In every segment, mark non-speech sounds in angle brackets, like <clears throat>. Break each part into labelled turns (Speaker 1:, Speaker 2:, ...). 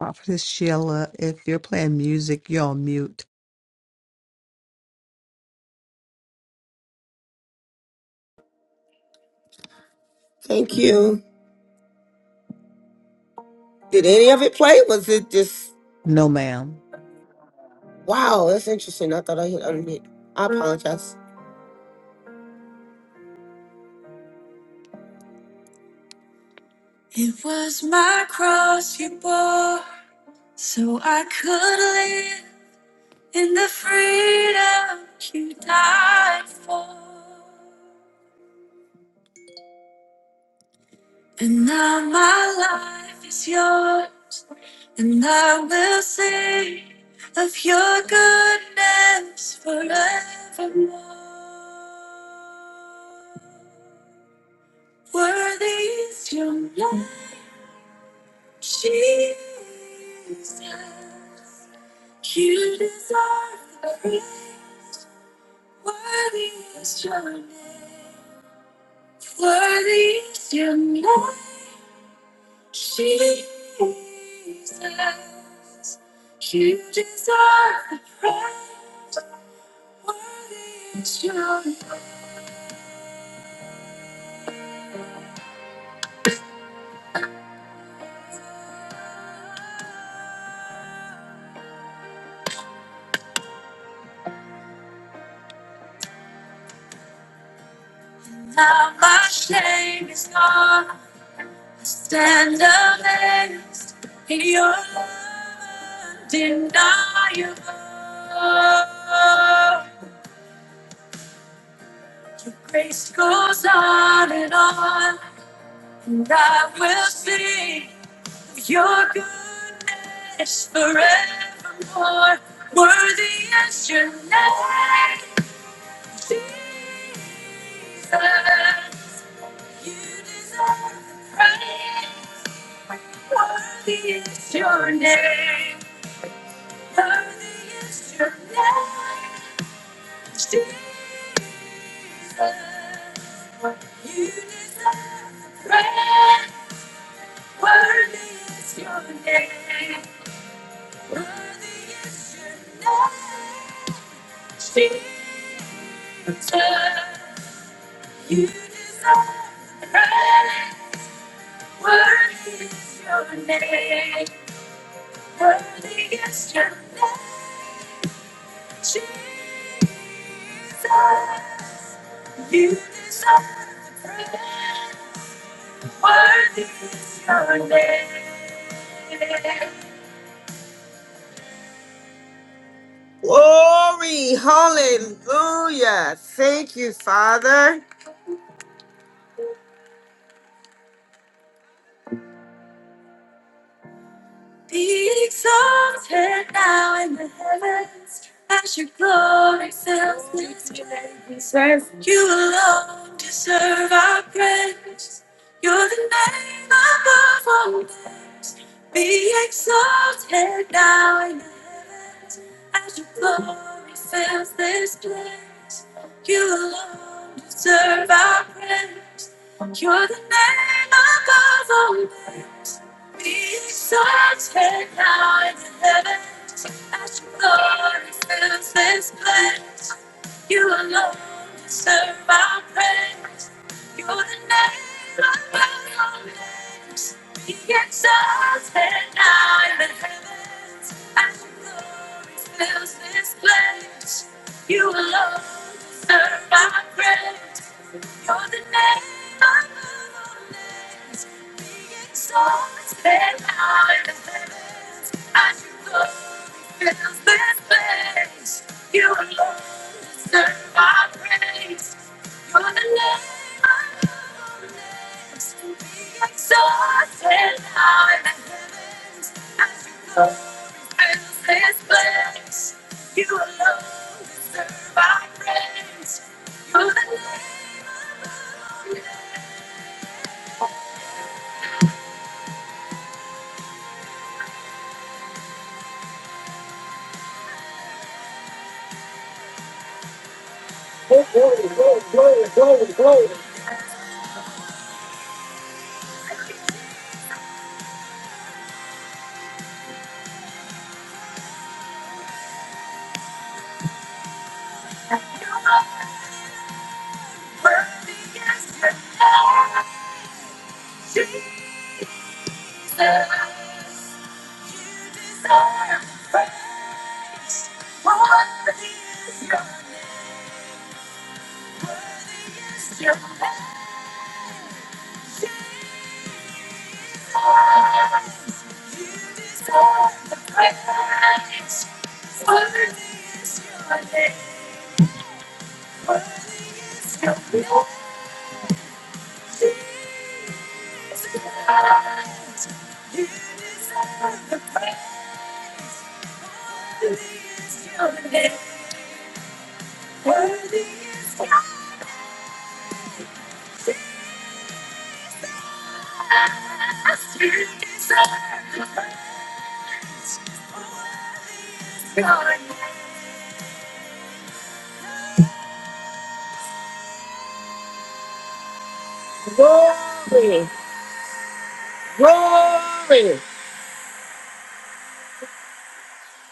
Speaker 1: Prophetess Sheila, if you're playing music, you're on mute.
Speaker 2: Thank you. Did any of it play? Was it just
Speaker 1: No, ma'am.
Speaker 2: wow? That's interesting. I thought I hit unmute. I apologize. Glory, hallelujah. Thank you, Father. Glory, glory, glory, glory, glory, glory, glory.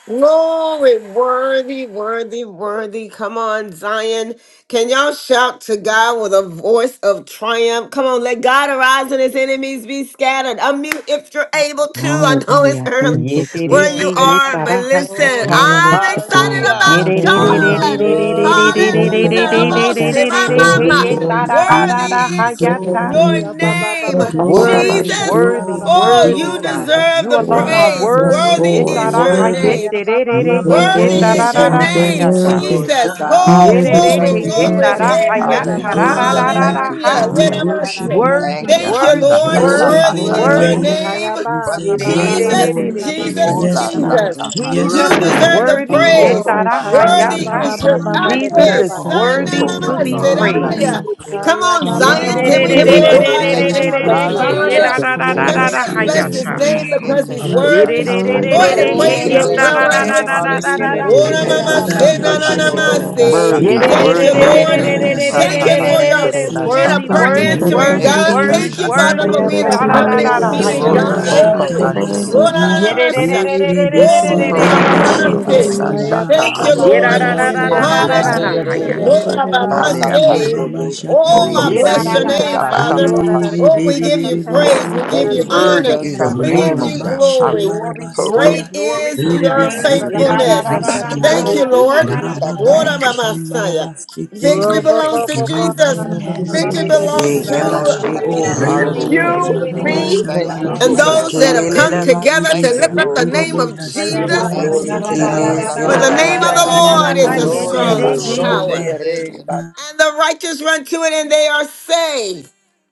Speaker 2: Glory, worthy, worthy, worthy. Come on, Zion. Can y'all shout to God with a voice of triumph? Come on, let God arise and his enemies be scattered. Unmute if you're able to. I know it's
Speaker 3: Hallelujah.
Speaker 2: early
Speaker 3: Thank
Speaker 4: Ye
Speaker 3: you,
Speaker 4: te re
Speaker 2: where
Speaker 4: he
Speaker 2: you
Speaker 3: Jesus.
Speaker 4: ye
Speaker 2: are, but
Speaker 4: tara ha
Speaker 2: listen,
Speaker 4: ta ta.
Speaker 3: Glory
Speaker 2: I'm
Speaker 3: to
Speaker 2: excited
Speaker 3: God.
Speaker 5: Hallelujah.
Speaker 4: Ye
Speaker 2: about
Speaker 4: re re re re
Speaker 3: Hallelujah.
Speaker 4: re
Speaker 2: God.
Speaker 4: re re re re re
Speaker 3: Thank
Speaker 5: Thank
Speaker 4: re re re
Speaker 2: Hallelujah.
Speaker 3: you,
Speaker 5: you,
Speaker 4: re
Speaker 5: Jesus.
Speaker 6: Hallelujah.
Speaker 4: re
Speaker 3: Jesus.
Speaker 2: Rabosi,
Speaker 4: re re re
Speaker 2: my
Speaker 4: he
Speaker 3: Glory
Speaker 2: mama.
Speaker 4: ye
Speaker 3: to
Speaker 6: Glory,
Speaker 4: tara da
Speaker 2: Worthy
Speaker 4: da da ha
Speaker 2: is
Speaker 4: ya ta.
Speaker 2: your
Speaker 6: glory,
Speaker 3: God.
Speaker 2: name,
Speaker 6: glory,
Speaker 7: Mm.
Speaker 4: Worthy,
Speaker 6: glory,
Speaker 2: Jesus.
Speaker 4: worthy,
Speaker 6: glory,
Speaker 2: Oh,
Speaker 4: worthy
Speaker 2: you
Speaker 6: glory.
Speaker 4: God.
Speaker 3: Yes,
Speaker 2: deserve
Speaker 4: You
Speaker 2: the
Speaker 4: alone
Speaker 3: Lord.
Speaker 4: are
Speaker 2: praise.
Speaker 3: Yes,
Speaker 4: worthy.
Speaker 2: Worthy
Speaker 4: Ye
Speaker 3: Lord.
Speaker 2: is
Speaker 4: tara
Speaker 2: your
Speaker 4: ha ye
Speaker 6: Hallelujah.
Speaker 3: Worthy.
Speaker 2: name.
Speaker 4: te re re re
Speaker 3: You're
Speaker 4: he
Speaker 6: Worthy
Speaker 4: ye
Speaker 2: Worthy
Speaker 3: worthy,
Speaker 4: tara
Speaker 2: is
Speaker 6: is
Speaker 4: da
Speaker 2: your
Speaker 6: your
Speaker 4: da
Speaker 3: God. You're
Speaker 4: ha
Speaker 2: name,
Speaker 4: ya
Speaker 6: name,
Speaker 4: ta.
Speaker 3: worthy.
Speaker 6: Father
Speaker 5: Glory to
Speaker 2: Jesus.
Speaker 6: God.
Speaker 5: God.
Speaker 2: Oh,
Speaker 4: Ye re
Speaker 6: You
Speaker 4: re
Speaker 2: glory,
Speaker 5: Thank
Speaker 6: are
Speaker 4: he
Speaker 3: Hallelujah.
Speaker 5: you,
Speaker 4: ye
Speaker 2: glory,
Speaker 3: Thank you,
Speaker 4: tara
Speaker 6: worthy.
Speaker 5: Jesus.
Speaker 4: ha
Speaker 8: Thank
Speaker 2: glory.
Speaker 4: ya
Speaker 8: you,
Speaker 6: We
Speaker 3: Jesus.
Speaker 4: tara da
Speaker 8: Jesus.
Speaker 6: honor
Speaker 9: Hallelujah.
Speaker 4: da da
Speaker 6: you.
Speaker 9: Thank
Speaker 4: da
Speaker 9: you,
Speaker 8: Hallelujah.
Speaker 2: Hallelujah.
Speaker 4: ha.
Speaker 6: We
Speaker 9: Jesus.
Speaker 2: Let us
Speaker 6: worship
Speaker 2: say,
Speaker 3: Hallelujah.
Speaker 6: you.
Speaker 4: Worthy,
Speaker 9: Thank you.
Speaker 2: Thank you,
Speaker 6: We
Speaker 9: Hasha
Speaker 4: worthy,
Speaker 8: Yadavashin
Speaker 2: Lord.
Speaker 6: bless
Speaker 10: Worthy,
Speaker 9: Hashakanda
Speaker 3: Glory,
Speaker 6: your
Speaker 8: today.
Speaker 2: Worthy
Speaker 4: worthy,
Speaker 9: lata
Speaker 6: holy
Speaker 3: glory,
Speaker 2: is
Speaker 9: kanda
Speaker 2: your
Speaker 11: Worthy,
Speaker 6: name.
Speaker 4: worthy
Speaker 3: glory.
Speaker 2: name,
Speaker 4: God.
Speaker 9: kuku
Speaker 6: We
Speaker 11: Hayaba,
Speaker 4: Ye
Speaker 9: kanda
Speaker 6: said,
Speaker 4: re
Speaker 11: Baba,
Speaker 4: re
Speaker 9: lata.
Speaker 6: Yes,
Speaker 4: re
Speaker 11: Baba,
Speaker 8: We
Speaker 4: re
Speaker 2: Jesus,
Speaker 4: re
Speaker 6: Lord.
Speaker 3: Worthy
Speaker 4: re
Speaker 3: is
Speaker 8: find
Speaker 3: your
Speaker 4: he.
Speaker 2: Jesus,
Speaker 3: name,
Speaker 9: Ola
Speaker 3: oh
Speaker 8: shifts
Speaker 6: Yes,
Speaker 8: in
Speaker 3: God.
Speaker 6: Lord.
Speaker 2: Jesus.
Speaker 11: Baba,
Speaker 9: sata
Speaker 5: Thank you.
Speaker 6: Yes,
Speaker 4: Jesus
Speaker 8: the
Speaker 2: You
Speaker 9: masata.
Speaker 4: is
Speaker 10: worthy,
Speaker 8: make
Speaker 6: Lord.
Speaker 2: deserve
Speaker 8: of
Speaker 2: the
Speaker 4: worthy. Yeah
Speaker 6: You
Speaker 2: praise.
Speaker 9: Oko
Speaker 4: da
Speaker 11: Glory,
Speaker 4: da da
Speaker 6: are
Speaker 9: manana
Speaker 11: Kaya
Speaker 4: da
Speaker 6: to
Speaker 2: Worthy
Speaker 11: Baba
Speaker 4: da.
Speaker 6: be
Speaker 2: is
Speaker 8: very
Speaker 11: Baba
Speaker 2: your
Speaker 11: Baba
Speaker 10: you
Speaker 8: worthy
Speaker 6: honored,
Speaker 9: masata.
Speaker 4: Jesus
Speaker 6: God.
Speaker 2: Ande,
Speaker 10: deserve
Speaker 4: is
Speaker 8: words.
Speaker 3: Yes,
Speaker 11: Baba
Speaker 10: all
Speaker 3: and
Speaker 10: the
Speaker 3: da- da-
Speaker 2: Sana,
Speaker 6: You
Speaker 4: worthy
Speaker 3: da-
Speaker 9: Oko
Speaker 10: praise,
Speaker 3: da-
Speaker 4: to
Speaker 6: are
Speaker 3: dee,
Speaker 4: be
Speaker 9: mayeke
Speaker 10: God.
Speaker 3: oh,
Speaker 12: Thank you,
Speaker 4: praised.
Speaker 6: worthy.
Speaker 2: Seraya.
Speaker 3: oh.
Speaker 8: Thank
Speaker 9: masaka
Speaker 2: Come
Speaker 11: Aya
Speaker 2: on,
Speaker 9: mayeke
Speaker 4: Yeah
Speaker 11: baba
Speaker 6: You
Speaker 4: da
Speaker 2: Zion.
Speaker 4: da
Speaker 6: are
Speaker 11: bara
Speaker 2: Can
Speaker 4: da
Speaker 3: Hallelujah.
Speaker 9: masaka.
Speaker 2: we
Speaker 11: de
Speaker 4: da
Speaker 8: Can
Speaker 10: Yes,
Speaker 8: we
Speaker 3: Thank
Speaker 6: worthy,
Speaker 11: kera
Speaker 3: you,
Speaker 10: God.
Speaker 11: ra
Speaker 8: pray?
Speaker 2: glorify the
Speaker 11: ra ra ra
Speaker 9: Eke
Speaker 2: name
Speaker 6: worthy,
Speaker 11: ra
Speaker 2: of
Speaker 11: ra
Speaker 2: the
Speaker 11: ra
Speaker 8: you,
Speaker 3: Jesus.
Speaker 6: worthy.
Speaker 9: masaka
Speaker 2: Father?
Speaker 5: Hallelujah.
Speaker 11: basaya.
Speaker 4: da
Speaker 8: Jesus.
Speaker 9: mayeke
Speaker 4: da
Speaker 2: Can
Speaker 5: Thank
Speaker 4: da da
Speaker 3: Glory
Speaker 2: we
Speaker 5: you,
Speaker 4: da.
Speaker 6: Yes,
Speaker 3: to
Speaker 2: just
Speaker 3: your
Speaker 9: masaka.
Speaker 5: Jesus.
Speaker 2: bless
Speaker 6: Lord.
Speaker 3: name,
Speaker 10: hmm
Speaker 2: his
Speaker 3: oh
Speaker 6: Yes,
Speaker 8: Yea,
Speaker 2: name
Speaker 3: God.
Speaker 8: God,
Speaker 2: because
Speaker 8: I
Speaker 6: Lord.
Speaker 9: Eke
Speaker 2: he's
Speaker 8: shall
Speaker 4: Yeah da
Speaker 2: worthy?
Speaker 4: da
Speaker 9: masaka
Speaker 8: see
Speaker 2: Go
Speaker 8: you.
Speaker 3: Worthy
Speaker 2: ahead
Speaker 3: to
Speaker 6: Yes,
Speaker 2: and
Speaker 9: mayeke
Speaker 3: be
Speaker 5: Worthy is
Speaker 2: pray
Speaker 6: Lord.
Speaker 2: in
Speaker 5: your
Speaker 11: Ora
Speaker 2: your
Speaker 11: de
Speaker 8: So,
Speaker 4: da
Speaker 9: masaka
Speaker 5: name,
Speaker 2: prayer
Speaker 11: de
Speaker 3: praised.
Speaker 8: God,
Speaker 4: da
Speaker 8: I
Speaker 4: da
Speaker 10: hmm
Speaker 5: God.
Speaker 11: kera
Speaker 2: language.
Speaker 11: ra
Speaker 4: da
Speaker 9: masaka.
Speaker 8: send
Speaker 4: da
Speaker 11: de
Speaker 8: the
Speaker 4: da
Speaker 6: Yes,
Speaker 11: kera
Speaker 5: Hallelujah.
Speaker 4: da. Yeah da da da da da
Speaker 11: de
Speaker 6: Lord.
Speaker 11: de
Speaker 2: Ora
Speaker 3: You're
Speaker 11: de
Speaker 6: Yes,
Speaker 9: Eke
Speaker 11: ra
Speaker 2: mama
Speaker 11: ra
Speaker 2: se
Speaker 3: worthy
Speaker 11: bande
Speaker 9: masaka
Speaker 2: na
Speaker 3: to
Speaker 11: de
Speaker 5: Thank
Speaker 2: na
Speaker 5: you,
Speaker 3: be
Speaker 2: na
Speaker 3: ba-
Speaker 11: kera
Speaker 5: Lord.
Speaker 2: ma
Speaker 3: ba-
Speaker 11: ra
Speaker 9: mayeke
Speaker 3: ba-
Speaker 11: ra ra
Speaker 3: ba-
Speaker 11: ra ra
Speaker 2: se.
Speaker 8: thanks.
Speaker 11: ra.
Speaker 6: Tatarabashatarabase.
Speaker 3: shake,
Speaker 8: God,
Speaker 10: Worthy,
Speaker 9: masaka.
Speaker 8: I
Speaker 3: and
Speaker 2: Thank
Speaker 3: da-
Speaker 2: you,
Speaker 10: worthy
Speaker 3: da-
Speaker 8: send the
Speaker 3: da-
Speaker 10: is
Speaker 6: Eya
Speaker 4: da
Speaker 3: dee,
Speaker 10: your
Speaker 9: Eke
Speaker 4: da
Speaker 2: Lord.
Speaker 3: oh,
Speaker 4: da
Speaker 6: Maya
Speaker 10: name, oh
Speaker 8: nevertheless.
Speaker 2: Thank
Speaker 9: masaka
Speaker 2: you
Speaker 10: God.
Speaker 3: Saya.
Speaker 2: for your
Speaker 4: da.
Speaker 9: mayeke
Speaker 2: being
Speaker 6: Satarabayasea.
Speaker 2: a
Speaker 4: Worthy,
Speaker 8: God, I
Speaker 9: masaka.
Speaker 2: prayer
Speaker 8: call
Speaker 3: Ibaya,
Speaker 4: worthy,
Speaker 3: da-
Speaker 10: hmm
Speaker 3: da-
Speaker 8: the
Speaker 3: da-
Speaker 2: answering
Speaker 6: Reba
Speaker 8: you
Speaker 3: da-
Speaker 4: worthy,
Speaker 3: da-
Speaker 9: Eke
Speaker 2: God.
Speaker 3: dee, oh,
Speaker 6: Boshi
Speaker 4: worthy,
Speaker 2: Thank you,
Speaker 9: bashaka
Speaker 3: shan,
Speaker 2: Father,
Speaker 3: da-
Speaker 9: ma
Speaker 2: for
Speaker 4: worthy.
Speaker 3: da-
Speaker 11: Aya
Speaker 3: da-
Speaker 2: being
Speaker 4: Yeah
Speaker 6: Hasamba.
Speaker 2: a
Speaker 3: da-
Speaker 4: da
Speaker 3: dee,
Speaker 9: yeke
Speaker 8: for
Speaker 4: da
Speaker 11: baba
Speaker 8: this
Speaker 4: da
Speaker 3: oh,
Speaker 2: covenant
Speaker 4: da da
Speaker 10: Hallelujah.
Speaker 11: baba
Speaker 9: bashaka.
Speaker 4: da
Speaker 11: ra
Speaker 8: nation.
Speaker 2: keeping
Speaker 11: ra
Speaker 4: da da.
Speaker 10: Glory
Speaker 11: ra ra
Speaker 6: Hasamba
Speaker 2: God.
Speaker 10: be to
Speaker 11: ra
Speaker 3: seke.
Speaker 11: ra
Speaker 10: God.
Speaker 9: Hoko
Speaker 2: Hey.
Speaker 3: Iba-
Speaker 9: ba
Speaker 3: ba-
Speaker 11: basu
Speaker 10: Thank
Speaker 3: ba-
Speaker 5: Thank
Speaker 10: you,
Speaker 5: you,
Speaker 11: ra
Speaker 8: Worthy
Speaker 2: Ora
Speaker 9: sheke
Speaker 3: ba-
Speaker 10: Lord.
Speaker 6: Shatarabase.
Speaker 3: sh-
Speaker 2: na
Speaker 11: ra
Speaker 5: Jesus.
Speaker 8: God.
Speaker 2: na
Speaker 4: Yeah
Speaker 11: ra.
Speaker 4: da
Speaker 2: ma
Speaker 4: da
Speaker 9: bashaka
Speaker 4: da
Speaker 11: ra.
Speaker 2: sa.
Speaker 4: da
Speaker 9: mashi.
Speaker 4: da da da
Speaker 3: in
Speaker 8: Worthy
Speaker 6: Erebese
Speaker 3: da-
Speaker 5: Only
Speaker 3: da-
Speaker 2: Ora
Speaker 3: da-
Speaker 4: da
Speaker 9: Hoko
Speaker 8: God.
Speaker 3: da-
Speaker 10: Thank you,
Speaker 3: da-
Speaker 9: ba
Speaker 2: mama
Speaker 3: da-
Speaker 4: da.
Speaker 2: ma
Speaker 5: Astoria
Speaker 6: Terebeshi
Speaker 3: da-
Speaker 10: Father.
Speaker 3: da-
Speaker 2: se.
Speaker 9: yeke
Speaker 3: dee,
Speaker 10: Thank
Speaker 3: oh,
Speaker 10: you.
Speaker 5: Basoya.
Speaker 11: Aya
Speaker 3: shan,
Speaker 6: Hasamba.
Speaker 13: Yeah.
Speaker 9: bashaka
Speaker 2: Thank
Speaker 3: da-
Speaker 11: baba
Speaker 2: you,
Speaker 3: da-
Speaker 9: mashi.
Speaker 11: bara
Speaker 3: dee,
Speaker 11: de
Speaker 2: Lord.
Speaker 3: oh,
Speaker 11: kera
Speaker 6: Awesome,
Speaker 5: Only
Speaker 11: de
Speaker 5: us.
Speaker 6: ba
Speaker 8: Hallelujah.
Speaker 9: Hoko
Speaker 3: Saya.
Speaker 11: kera
Speaker 6: ba
Speaker 9: ba
Speaker 11: ra
Speaker 6: ba
Speaker 11: ra
Speaker 5: only
Speaker 11: de
Speaker 6: ba
Speaker 5: Astoria
Speaker 6: ba
Speaker 9: yeke
Speaker 2: Hallelujah.
Speaker 6: ba
Speaker 11: kera
Speaker 5: Reya
Speaker 3: In
Speaker 11: de
Speaker 6: ba,
Speaker 11: de
Speaker 3: da-
Speaker 5: Ba-
Speaker 2: Ora
Speaker 11: ra
Speaker 3: da-
Speaker 9: bashaka
Speaker 8: Worthy,
Speaker 11: ra
Speaker 2: mama
Speaker 11: ba.
Speaker 6: ah
Speaker 10: Hallelujah.
Speaker 6: ba
Speaker 9: basata.
Speaker 6: ba
Speaker 2: se.
Speaker 6: ba,
Speaker 3: dee,
Speaker 2: Oh,
Speaker 9: Hoko
Speaker 8: worthy,
Speaker 2: I
Speaker 9: ba
Speaker 2: bless your
Speaker 6: shatarabasi,
Speaker 9: yeke
Speaker 3: oh,
Speaker 2: name,
Speaker 3: shan.
Speaker 6: eh
Speaker 10: Ilelebrisutaba.
Speaker 2: Father.
Speaker 9: bashaka
Speaker 11: Ora de
Speaker 6: be be
Speaker 9: mashi.
Speaker 2: Oh,
Speaker 11: kera
Speaker 2: we
Speaker 6: be
Speaker 11: ra
Speaker 2: give
Speaker 6: be
Speaker 11: ra
Speaker 2: you
Speaker 6: be
Speaker 11: ra
Speaker 6: be,
Speaker 11: ra
Speaker 9: Hoko
Speaker 6: si
Speaker 2: praise. We
Speaker 11: ra
Speaker 9: ba
Speaker 6: te
Speaker 2: give
Speaker 11: ra
Speaker 5: Thank
Speaker 6: re
Speaker 2: you
Speaker 5: you,
Speaker 6: be,
Speaker 11: de
Speaker 9: yeke
Speaker 10: Worthy
Speaker 2: honor.
Speaker 11: kera
Speaker 10: is
Speaker 5: Jesus.
Speaker 10: your
Speaker 11: ra ra
Speaker 2: We
Speaker 6: re
Speaker 11: ra.
Speaker 9: bashaka
Speaker 2: give
Speaker 10: name,
Speaker 6: ba
Speaker 10: oh
Speaker 5: Glory.
Speaker 2: you
Speaker 6: ba
Speaker 9: mashi.
Speaker 10: God.
Speaker 2: glory.
Speaker 10: Hallelujah.
Speaker 9: Hoko
Speaker 6: shambarabasi ya,
Speaker 2: Great
Speaker 9: ba
Speaker 2: is
Speaker 6: eh
Speaker 9: yeke
Speaker 6: re be
Speaker 2: your
Speaker 9: bana.
Speaker 6: si
Speaker 11: Ra
Speaker 10: Thank
Speaker 11: ra
Speaker 10: you,
Speaker 11: ra
Speaker 6: te
Speaker 11: ra
Speaker 3: Thank
Speaker 6: re
Speaker 3: you.
Speaker 6: be,
Speaker 10: Father.
Speaker 2: faithfulness.
Speaker 10: Thank
Speaker 12: Jesus.
Speaker 10: you,
Speaker 11: ra
Speaker 10: Jesus.
Speaker 11: ra ra
Speaker 2: Thank
Speaker 9: <clears throat>
Speaker 6: hasambaya,
Speaker 11: de
Speaker 2: you, Lord.
Speaker 11: kera
Speaker 12: Hallelujah.
Speaker 11: de
Speaker 6: ra
Speaker 11: de
Speaker 6: ba
Speaker 11: ra
Speaker 9: Shaka
Speaker 6: ba
Speaker 11: ra.
Speaker 2: Lord,
Speaker 6: ba
Speaker 2: I'm
Speaker 10: Thank you.
Speaker 2: a
Speaker 9: mashaka.
Speaker 2: Messiah.
Speaker 6: shambarabasi te re
Speaker 2: Victory
Speaker 6: be,
Speaker 11: Robo,
Speaker 9: Eke
Speaker 2: belongs
Speaker 11: bo
Speaker 10: Yes,
Speaker 2: to
Speaker 9: mash-
Speaker 11: bo bo
Speaker 6: re
Speaker 10: God.
Speaker 6: ba
Speaker 11: na na
Speaker 2: Jesus.
Speaker 6: ba
Speaker 11: na
Speaker 3: And I
Speaker 6: ba
Speaker 11: na na
Speaker 6: ba
Speaker 11: ba
Speaker 6: ba
Speaker 2: Victory
Speaker 9: Hoko
Speaker 3: will
Speaker 6: ba
Speaker 9: ba
Speaker 11: shake
Speaker 2: belongs
Speaker 3: Shake
Speaker 11: na
Speaker 10: Yeah,
Speaker 9: yeke
Speaker 11: na na
Speaker 3: it.
Speaker 6: shataraba,
Speaker 2: to
Speaker 11: na na na
Speaker 9: bashaka
Speaker 11: na
Speaker 12: Oh,
Speaker 6: re
Speaker 11: ba
Speaker 6: ba
Speaker 12: robots,
Speaker 6: ba
Speaker 9: mataka.
Speaker 5: Hallelujah.
Speaker 6: ba
Speaker 2: you,
Speaker 10: yeah,
Speaker 6: ba
Speaker 12: yeah,
Speaker 3: And
Speaker 12: the
Speaker 6: ba ba
Speaker 9: Oh,
Speaker 2: me,
Speaker 12: robots,
Speaker 3: I
Speaker 9: thank
Speaker 12: and
Speaker 5: Thank
Speaker 9: you,
Speaker 5: you,
Speaker 12: the
Speaker 2: and
Speaker 6: shambarabasi,
Speaker 5: Jesus.
Speaker 3: Zion.
Speaker 12: robots,
Speaker 2: those
Speaker 9: Jesus.
Speaker 12: and
Speaker 2: that have
Speaker 12: I.
Speaker 10: Ikelele
Speaker 2: come
Speaker 10: la
Speaker 6: eh
Speaker 9: Hallelujah.
Speaker 6: re
Speaker 2: together
Speaker 6: be
Speaker 2: to
Speaker 9: Thank you,
Speaker 2: lift
Speaker 6: si
Speaker 2: up
Speaker 10: bakushiyama.
Speaker 12: Yeah,
Speaker 2: the
Speaker 6: te
Speaker 9: Lord.
Speaker 6: re
Speaker 2: name
Speaker 6: be,
Speaker 12: robots,
Speaker 2: of
Speaker 11: haya
Speaker 12: yeah,
Speaker 11: ba
Speaker 2: Jesus.
Speaker 6: hasambaya
Speaker 9: Thank
Speaker 11: ya
Speaker 9: you,
Speaker 5: Glory
Speaker 11: ba
Speaker 12: robots,
Speaker 5: to
Speaker 11: ko ko
Speaker 9: Jesus.
Speaker 12: the
Speaker 5: God.
Speaker 10: Ikelele
Speaker 2: For
Speaker 12: robots.
Speaker 9: Sasha
Speaker 2: the
Speaker 6: satarabasi.
Speaker 10: la
Speaker 11: ka na
Speaker 2: name
Speaker 11: na na
Speaker 2: of
Speaker 9: Kanda
Speaker 11: na
Speaker 2: the
Speaker 5: Hallelujah.
Speaker 9: la la la
Speaker 2: Lord
Speaker 11: na
Speaker 2: is
Speaker 9: la.
Speaker 11: na
Speaker 2: a
Speaker 9: Sha-
Speaker 11: na
Speaker 5: Gloria
Speaker 10: bakashikuriaba.
Speaker 11: ba
Speaker 2: strong
Speaker 12: Yeah,
Speaker 11: ha.
Speaker 12: little boy.
Speaker 2: tower,
Speaker 9: Eke.
Speaker 5: Basonde
Speaker 2: and the righteous run to it and they are saved.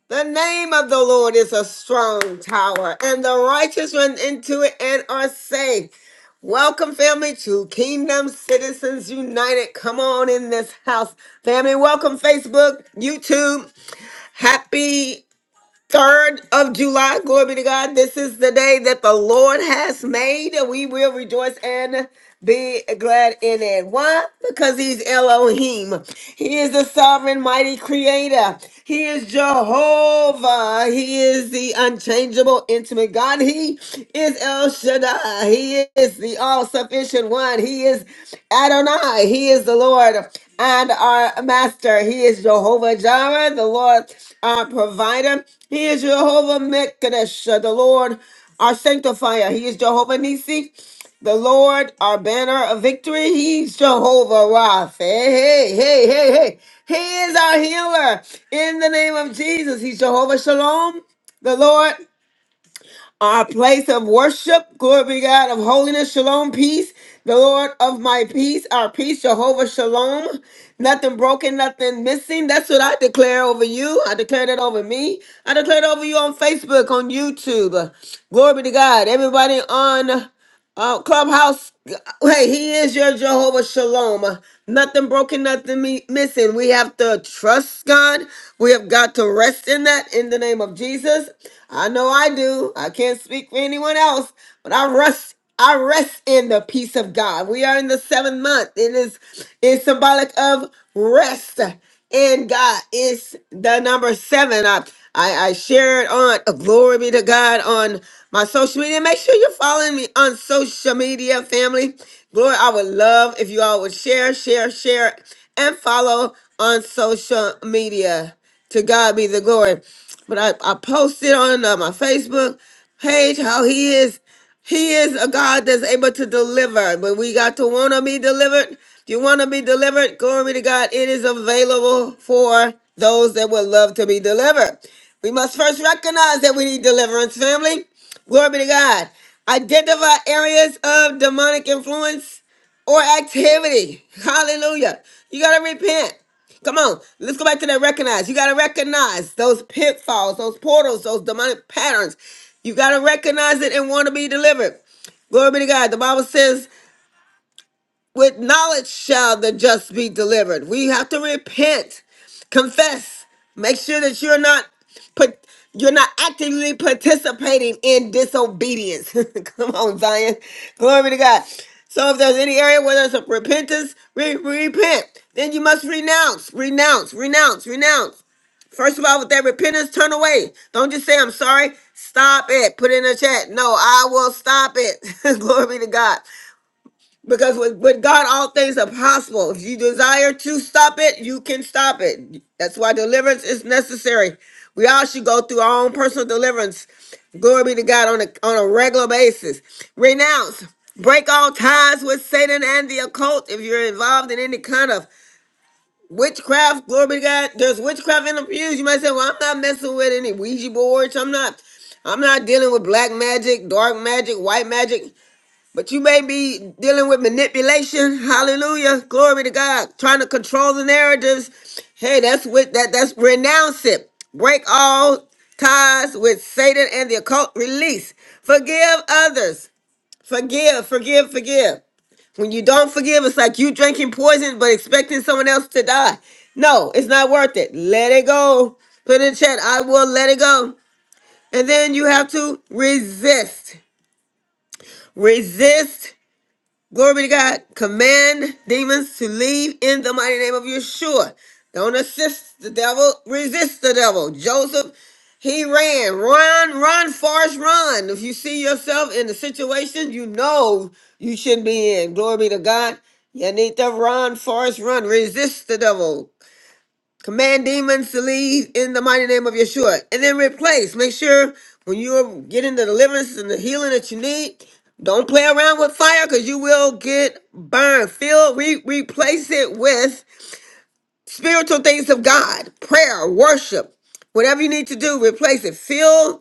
Speaker 2: The name of the Lord is a strong tower, and the righteous run into it and are safe. Welcome, family, to Kingdom Citizens United. Come on in this house, family. Welcome, Facebook, YouTube. Happy 3rd of July. Glory be to God. This is the day that the Lord has made, and we will rejoice and be glad in it. Why? Because He's Elohim. He is the sovereign, mighty creator. He is Jehovah. He is the unchangeable, intimate God. He is El Shaddai. He is the all sufficient one. He is Adonai. He is the Lord and our master. He is Jehovah Jireh, the Lord our provider. He is Jehovah Mekadesh, the Lord our sanctifier. He is Jehovah Nisi, the Lord our banner of victory. He's Jehovah Rapha. Hey, hey, hey, hey, hey. He is our healer. In the name of Jesus, he's Jehovah Shalom, the Lord our place of worship. Glory be to God of holiness, shalom, peace, the Lord of my peace, our peace, Jehovah Shalom. Nothing broken, nothing missing. That's what I declare over you. I declare it over me. I declare it over you on Facebook, on YouTube. Glory be to God. Everybody on uh, Clubhouse. Hey, he is your Jehovah Shalom. Uh, Nothing broken, nothing me- missing. We have to trust God. We have got to rest in that in the name of Jesus. I know I do. I can't speak for anyone else, but I rest. I rest in the peace of God. We are in the seventh month. It is is symbolic of rest in God is the number seven. I, I, I shared on uh, glory be to God on my social media. Make sure you're following me on social media, family. Glory, I would love if you all would share, share, share, and follow on social media. To God be the glory. But I, I posted on uh, my Facebook page how he is. He is a God that's able to deliver. But we got to want to be delivered. If you want to be delivered, glory to God, it is available for those that would love to be delivered. We must first recognize that we need deliverance, family. Glory be to God. Identify areas of demonic influence or activity. Hallelujah. You got to repent. Come on, let's go back to that recognize. You got to recognize those pitfalls, those portals, those demonic patterns. You got to recognize it and want to be delivered. Glory be to God. The Bible says with knowledge shall the just be delivered. We have to repent, confess, make sure that you're not put you're not actively participating in disobedience. <laughs> Come on, Zion. Glory to God. So if there's any area where there's a repentance, re- repent. Then you must renounce, renounce, renounce, renounce. First of all, with that repentance, turn away. Don't just say, I'm sorry. Stop it. Put it in the chat. No, I will stop it. <laughs> Glory to God. Because with, with God, all things are possible. If you desire to stop it, you can stop it. That's why deliverance is necessary. We all should go through our own personal deliverance. Glory be to God on a, on a regular basis. Renounce. Break all ties with Satan and the occult if you're involved in any kind of witchcraft. Glory be to God. There's witchcraft in the pews. You might say, well, I'm not messing with any Ouija boards. I'm not. I'm not dealing with black magic, dark magic, white magic. But you may be dealing with manipulation. Hallelujah. Glory to God. Trying to control the narratives. Hey, that's what that that's renounce it. Break all ties with Satan and the occult release. Forgive others. Forgive, forgive, forgive. When you don't forgive, it's like you drinking poison but expecting someone else to die. No, it's not worth it. Let it go. Put in the chat, I will let it go. And then you have to resist. Resist Glory be to God. Command demons to leave in the mighty name of Yeshua. Don't assist the devil, resist the devil. Joseph, he ran. Run, run, Forrest, run. If you see yourself in the situation you know you shouldn't be in, glory be to God. You need to run, Forrest, run. Resist the devil. Command demons to leave in the mighty name of Yeshua. And then replace. Make sure when you're getting the deliverance and the healing that you need, don't play around with fire because you will get burned. Fill, re- replace it with spiritual things of God, prayer, worship, whatever you need to do, replace it. Fill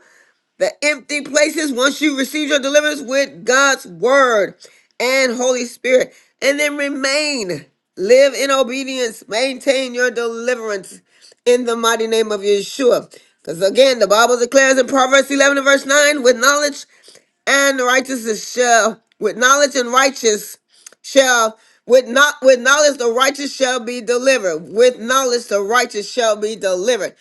Speaker 2: the empty places once you receive your deliverance with God's word and Holy Spirit, and then remain, live in obedience, maintain your deliverance in the mighty name of Yeshua. Because again, the Bible declares in Proverbs 11 and verse 9, with knowledge and righteousness shall, with knowledge and righteous shall with not with knowledge the righteous shall be delivered. With knowledge the righteous shall be delivered.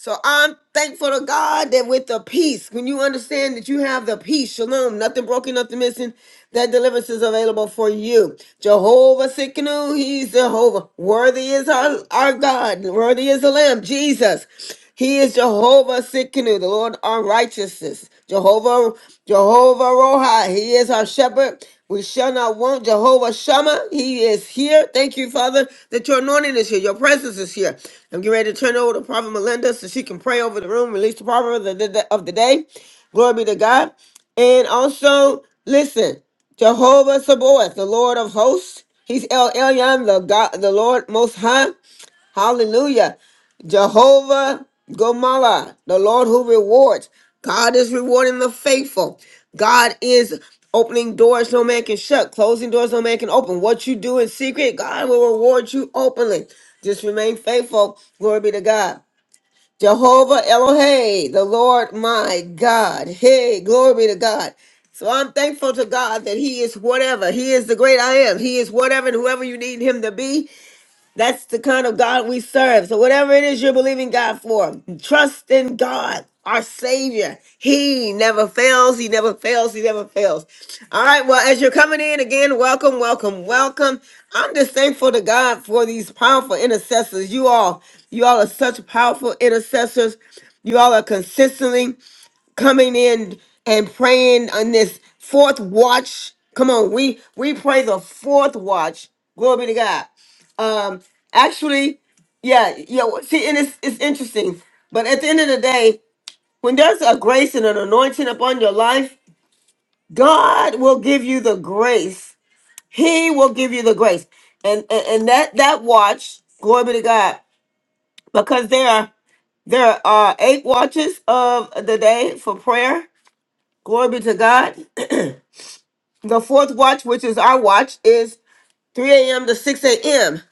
Speaker 2: So I'm thankful to God that with the peace, when you understand that you have the peace, shalom, nothing broken, nothing missing, that deliverance is available for you. Jehovah Sikkenu, He's Jehovah. Worthy is our, our God. Worthy is the Lamb, Jesus. He is Jehovah Sikkenu, the Lord on righteousness. Jehovah, Jehovah Roha, He is our shepherd. We shall not want Jehovah Shammah. He is here. Thank you, Father, that your anointing is here. Your presence is here. I'm getting ready to turn it over to Prophet Melinda so she can pray over the room, release the proverb of the, the- of the day. Glory be to God. And also, listen, Jehovah Sabaoth, the Lord of hosts. He's El Elyon, the God, the Lord Most High. Hallelujah. Jehovah Gomorrah, the Lord who rewards. God is rewarding the faithful. God is opening doors no man can shut, closing doors no man can open. What you do in secret, God will reward you openly. Just remain faithful. Glory be to God. Jehovah Elohim, the Lord my God. Hey, glory be to God. So I'm thankful to God that He is whatever. He is the great I am. He is whatever and whoever you need Him to be. That's the kind of God we serve. So, whatever it is you're believing God for, trust in God, our Savior. He never fails. He never fails. He never fails. All right. Well, as you're coming in again, welcome, welcome, welcome. I'm just thankful to God for these powerful intercessors. You all, you all are such powerful intercessors. You all are consistently coming in and praying on this fourth watch. Come on, we we pray the fourth watch. Glory be to God. Um, actually, yeah, yeah. well, See, and it's it's interesting, but at the end of the day, when there's a grace and an anointing upon your life, God will give you the grace. He will give you the grace, and and, and that that watch. Glory be to God, because there are there are eight watches of the day for prayer Glory be to God. <clears throat> the fourth watch, which is our watch, is 3 a.m. to 6 a.m.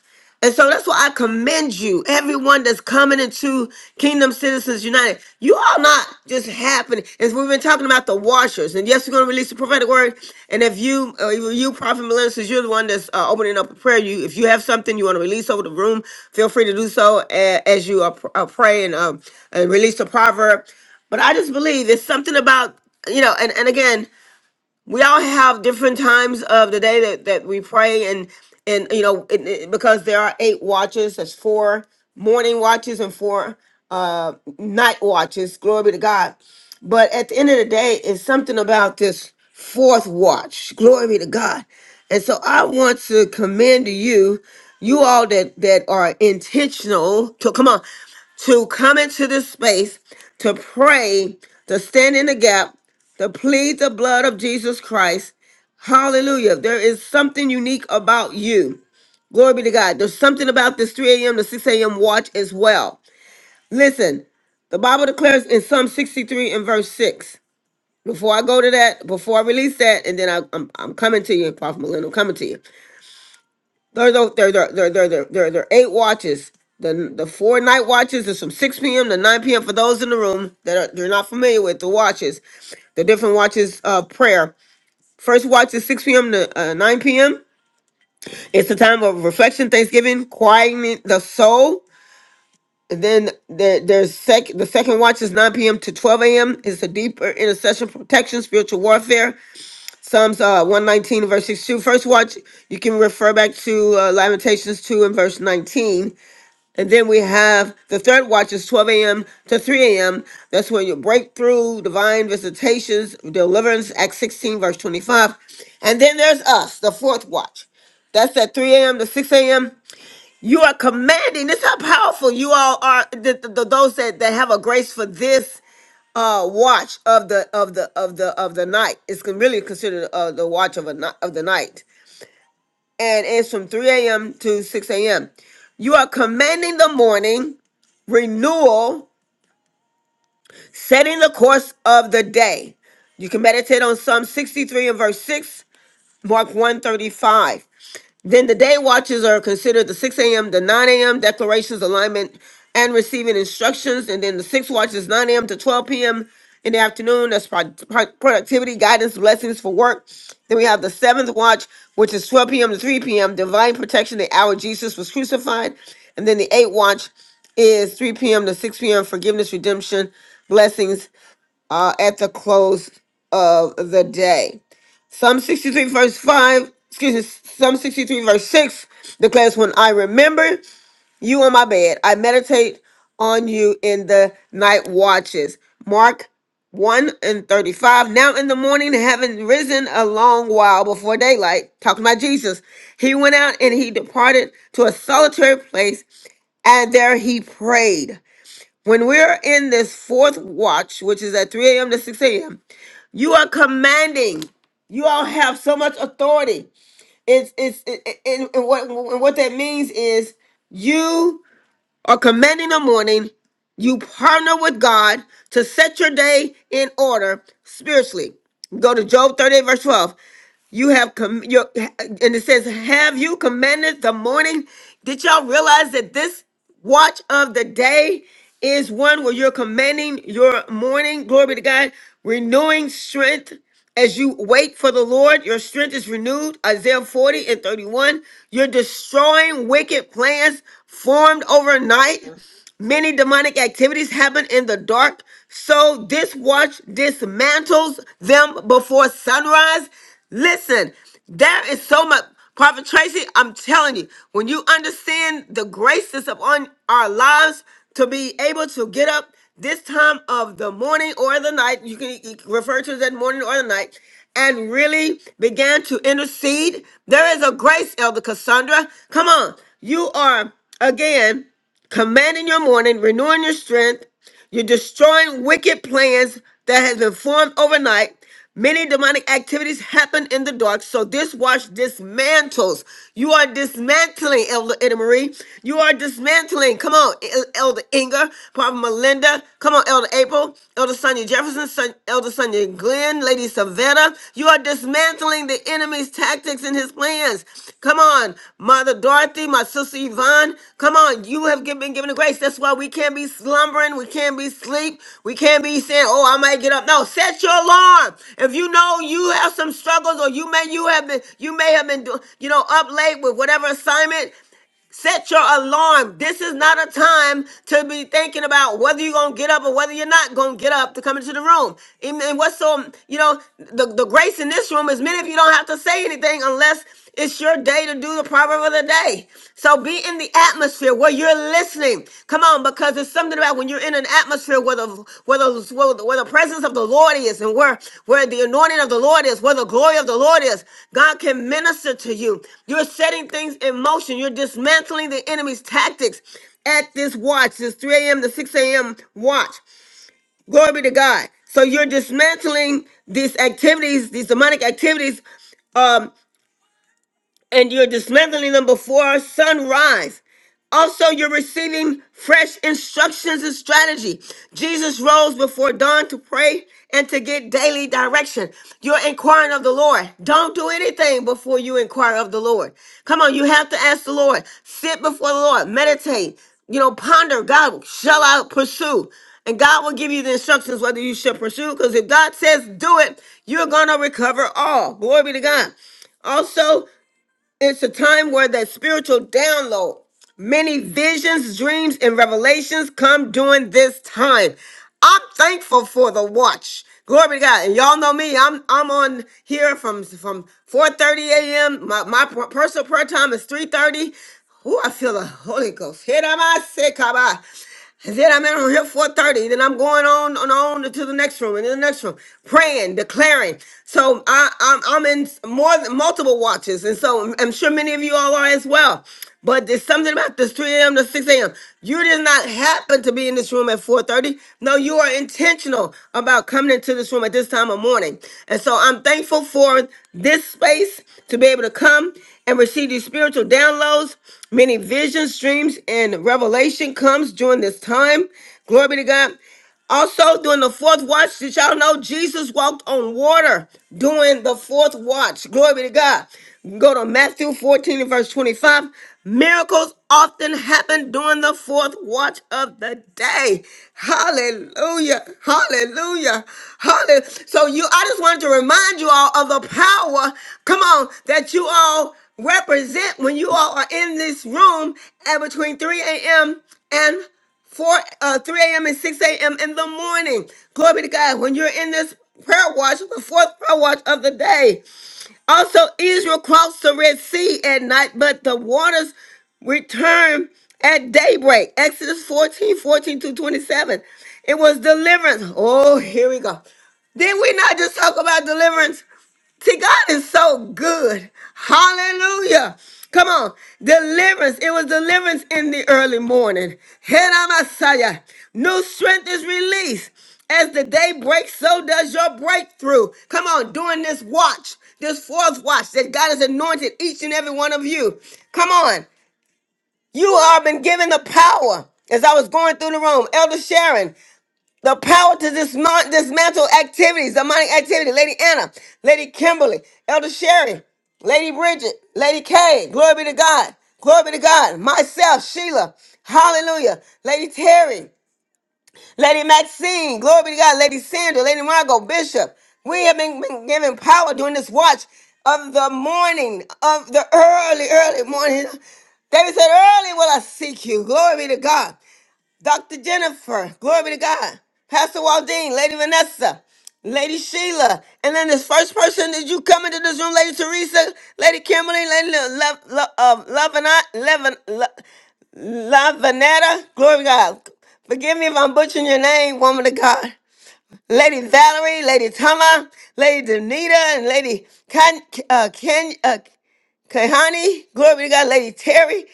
Speaker 2: And so that's why I commend you, everyone that's coming into Kingdom Citizens United. You are not just happening. As we've been talking about the washers, and yes, we're going to release the prophetic word. And if you, uh, you, you, Prophet Melinda, since you're the one that's uh, opening up a prayer, you if you have something you want to release over the room, feel free to do so a- as you uh, pr- uh, pray and, um, and release the proverb. But I just believe there's something about you know, and and again we all have different times of the day that, that we pray and and you know it, it- because there are eight watches there's four morning watches and four uh night watches glory be to god but at the end of the day it's something about this fourth watch glory be to god and so i want to commend to you you all that that are intentional to come on to come into this space to pray to stand in the gap to plead the blood of Jesus Christ. Hallelujah. There is something unique about you. Glory be to God. There's something about this 3 a.m. to 6 a.m. watch as well. Listen, the Bible declares in Psalm 63 and verse 6. Before I go to that, before I release that, and then I, I'm, I'm coming to you, Prophet Millennium, I'm coming to you. There, there, there, there, there, there, there, there there are eight watches. The, the four night watches is from 6 p.m. to 9 p.m. for those in the room that are, they're not familiar with the watches, the different watches of prayer First watch is 6 p.m. to uh, 9 p.m. It's a time of reflection, thanksgiving, quieting the soul. And then there, there's sec- the second watch is 9 p.m. to 12 a.m. It's a deeper intercession, protection, spiritual warfare. Psalms uh, 119, verse 62. First watch, you can refer back to uh, Lamentations 2 and verse 19. And then we have the third watch is 12 a.m. to 3 a.m. That's when your breakthrough, divine visitations, deliverance, Acts 16, verse 25. And then there's us, the fourth watch. That's at 3 a.m. to 6 a.m. You are commanding. This is how powerful you all are. The, the, those that, that have a grace for this uh watch of the of the of the of the night. It's con- really considered uh, the watch of a ni- of the night and it's from 3 a.m. to 6 a.m. You are commanding the morning, renewal, setting the course of the day. You can meditate on Psalm 63 and verse 6, Mark 135. Then the day watches are considered the 6 a.m. to 9 a.m. declarations, alignment, and receiving instructions. And then the six watches 9 a.m. to 12 p.m. in the afternoon. That's pro- pro- productivity, guidance, blessings for work. Then we have the seventh watch, which is 12 p.m. to 3 p.m. Divine protection, the hour Jesus was crucified. And then the eighth watch is 3 p.m. to 6 p.m. Forgiveness, redemption, blessings uh, at the close of the day. Psalm 63 verse 5, excuse me, Psalm 63 verse 6 declares, When I remember you on my bed, I meditate on you in the night watches. Mark 1 and 35. Now in the morning, having risen a long while before daylight, talking about Jesus, he went out and he departed to a solitary place, and there he prayed. When we're in this fourth watch, which is at 3 a.m. to 6 a.m., you are commanding. You all have so much authority. It's it's it, it, it- and what and what that means is you are commanding the morning. You partner with God to set your day in order spiritually. Go to Job 38, verse 12. You have com- your and it says, "Have you commanded the morning?" Did y'all realize that this watch of the day is one where you're commanding your morning? Glory be to God, renewing strength as you wait for the Lord. Your strength is renewed. Isaiah 40 and 31. You're destroying wicked plans formed overnight. Many demonic activities happen in the dark, so this watch dismantles them before sunrise. Listen, there is so much. Prophet Tracy, I'm telling you, when you understand the grace that's upon our lives to be able to get up this time of the morning or the night, you can you can refer to that morning or the night, and really began to intercede. There is a grace, Elder Cassandra. Come on. You are, again, commanding your morning, renewing your strength. You're destroying wicked plans that have been formed overnight. Many demonic activities happen in the dark, so this watch dismantles. You are dismantling, Elder Ida Marie. You are dismantling. Come on, El- Elder Inga, Prophet Melinda. Come on, Elder April, Elder Sonia Jefferson, Son- Elder Sonia Glenn, done, Lady Savannah. You are dismantling the enemy's tactics and his plans. Come on, Mother Dorothy, my sister Yvonne. Come on, you have gi- been given the grace. That's why we can't be slumbering. We can't be sleep. We can't be saying, oh, I might get up. No, set your alarm. If you know you have some struggles or you may you have been you may have been do- you know up late with whatever assignment Set your alarm. This is not a time to be thinking about whether you're gonna get up or whether you're not gonna get up to come into the room. And, and what's so you know the, the grace in this room is many of you don't have to say anything unless it's your day to do the proverb of the day. So be in the atmosphere where you're listening. Come on, because there's something about when you're in an atmosphere where the where the where the, where the presence of the Lord is, and where where the anointing of the Lord is, where the glory of the Lord is, God can minister to you. You're setting things in motion. You're dismantling the enemy's tactics at this watch, this 3 a.m. to 6 a.m. watch. Glory be to God. So you're dismantling these activities, these demonic activities um, and you're dismantling them before sunrise. Also, you're receiving fresh instructions and strategy. Jesus rose before dawn to pray and to get daily direction. You're inquiring of the Lord. Don't do anything before you inquire of the Lord. Come on, you have to ask the Lord. Sit before the Lord, meditate, you know, ponder. God, shall I pursue? And God will give you the instructions whether you should pursue, because if God says do it, you're going to recover all. Glory be to God. Also, it's a time where that spiritual download, many visions, dreams, and revelations come during this time. I'm thankful for the watch. Glory to God. And y'all know me. I'm I'm on here from from 4:30 a.m. My my per- personal prayer time is 3:30. Oh, I feel the Holy Ghost. hit on my come on. I said I'm in here 4:30. Then I'm going on and on to the next room and then the next room, praying, declaring. So I, I'm I'm in more than multiple watches, and so I'm I'm sure many of you all are as well. But there's something about this 3 a.m. to 6 a.m. You did not happen to be in this room at 4:30. No, you are intentional about coming into this room at this time of morning. And so I'm thankful for this space to be able to come and receive these spiritual downloads. Many visions, dreams, and revelation comes during this time. Glory be to God. Also, during the fourth watch, did y'all know Jesus walked on water during the fourth watch? Glory be to God. Go to Matthew 14 and verse 25. Miracles often happen during the fourth watch of the day. Hallelujah. Hallelujah. Hallelujah. So you I just wanted to remind you all of the power. Come on, that you all represent when you all are in this room at between 3 a.m. and 4 uh, 3 a.m. and 6 a.m. in the morning. Glory be to God. When you're in this prayer watch, the fourth prayer watch of the day. Also, Israel crossed the Red Sea at night, but the waters returned at daybreak. Exodus 14, 14 to 27. It was deliverance. Oh, here we go. Did we not just talk about deliverance? See, God is so good. Hallelujah. Come on. Deliverance. It was deliverance in the early morning. Head on Messiah. New strength is released. As the day breaks, so does your breakthrough. Come on, during this watch, this fourth watch that God has anointed each and every one of you. Come on. You are been given the power. As I was going through the room, Elder Sharon, the power to dismount, dismantle activities, demonic activity. Lady Anna, Lady Kimberly, Elder Sherry, Lady Bridget, Lady Kay, glory be to God, glory be to God, myself, Sheila, hallelujah, Lady Terry, Lady Maxine, glory be to God, Lady Sandra, Lady Margot, Bishop. We have been, been given power during this watch of the morning, of the early, early morning. David said, Early will I seek you. Glory be to God. Dr. Jennifer, glory be to God, Pastor Waldine, Lady Vanessa, Lady Sheila, and then this first person that you come into this room, Lady Teresa, Lady Kimberly, Lady Love, Love, uh, Lavanette, Lavan- La- Lavanetta, glory to God. Forgive me if I'm butchering your name, woman of God. Lady Valerie, Lady Tama, Lady Danita, and Lady Ken, uh, Ken, uh, Kehani, glory be to God, Lady Terry,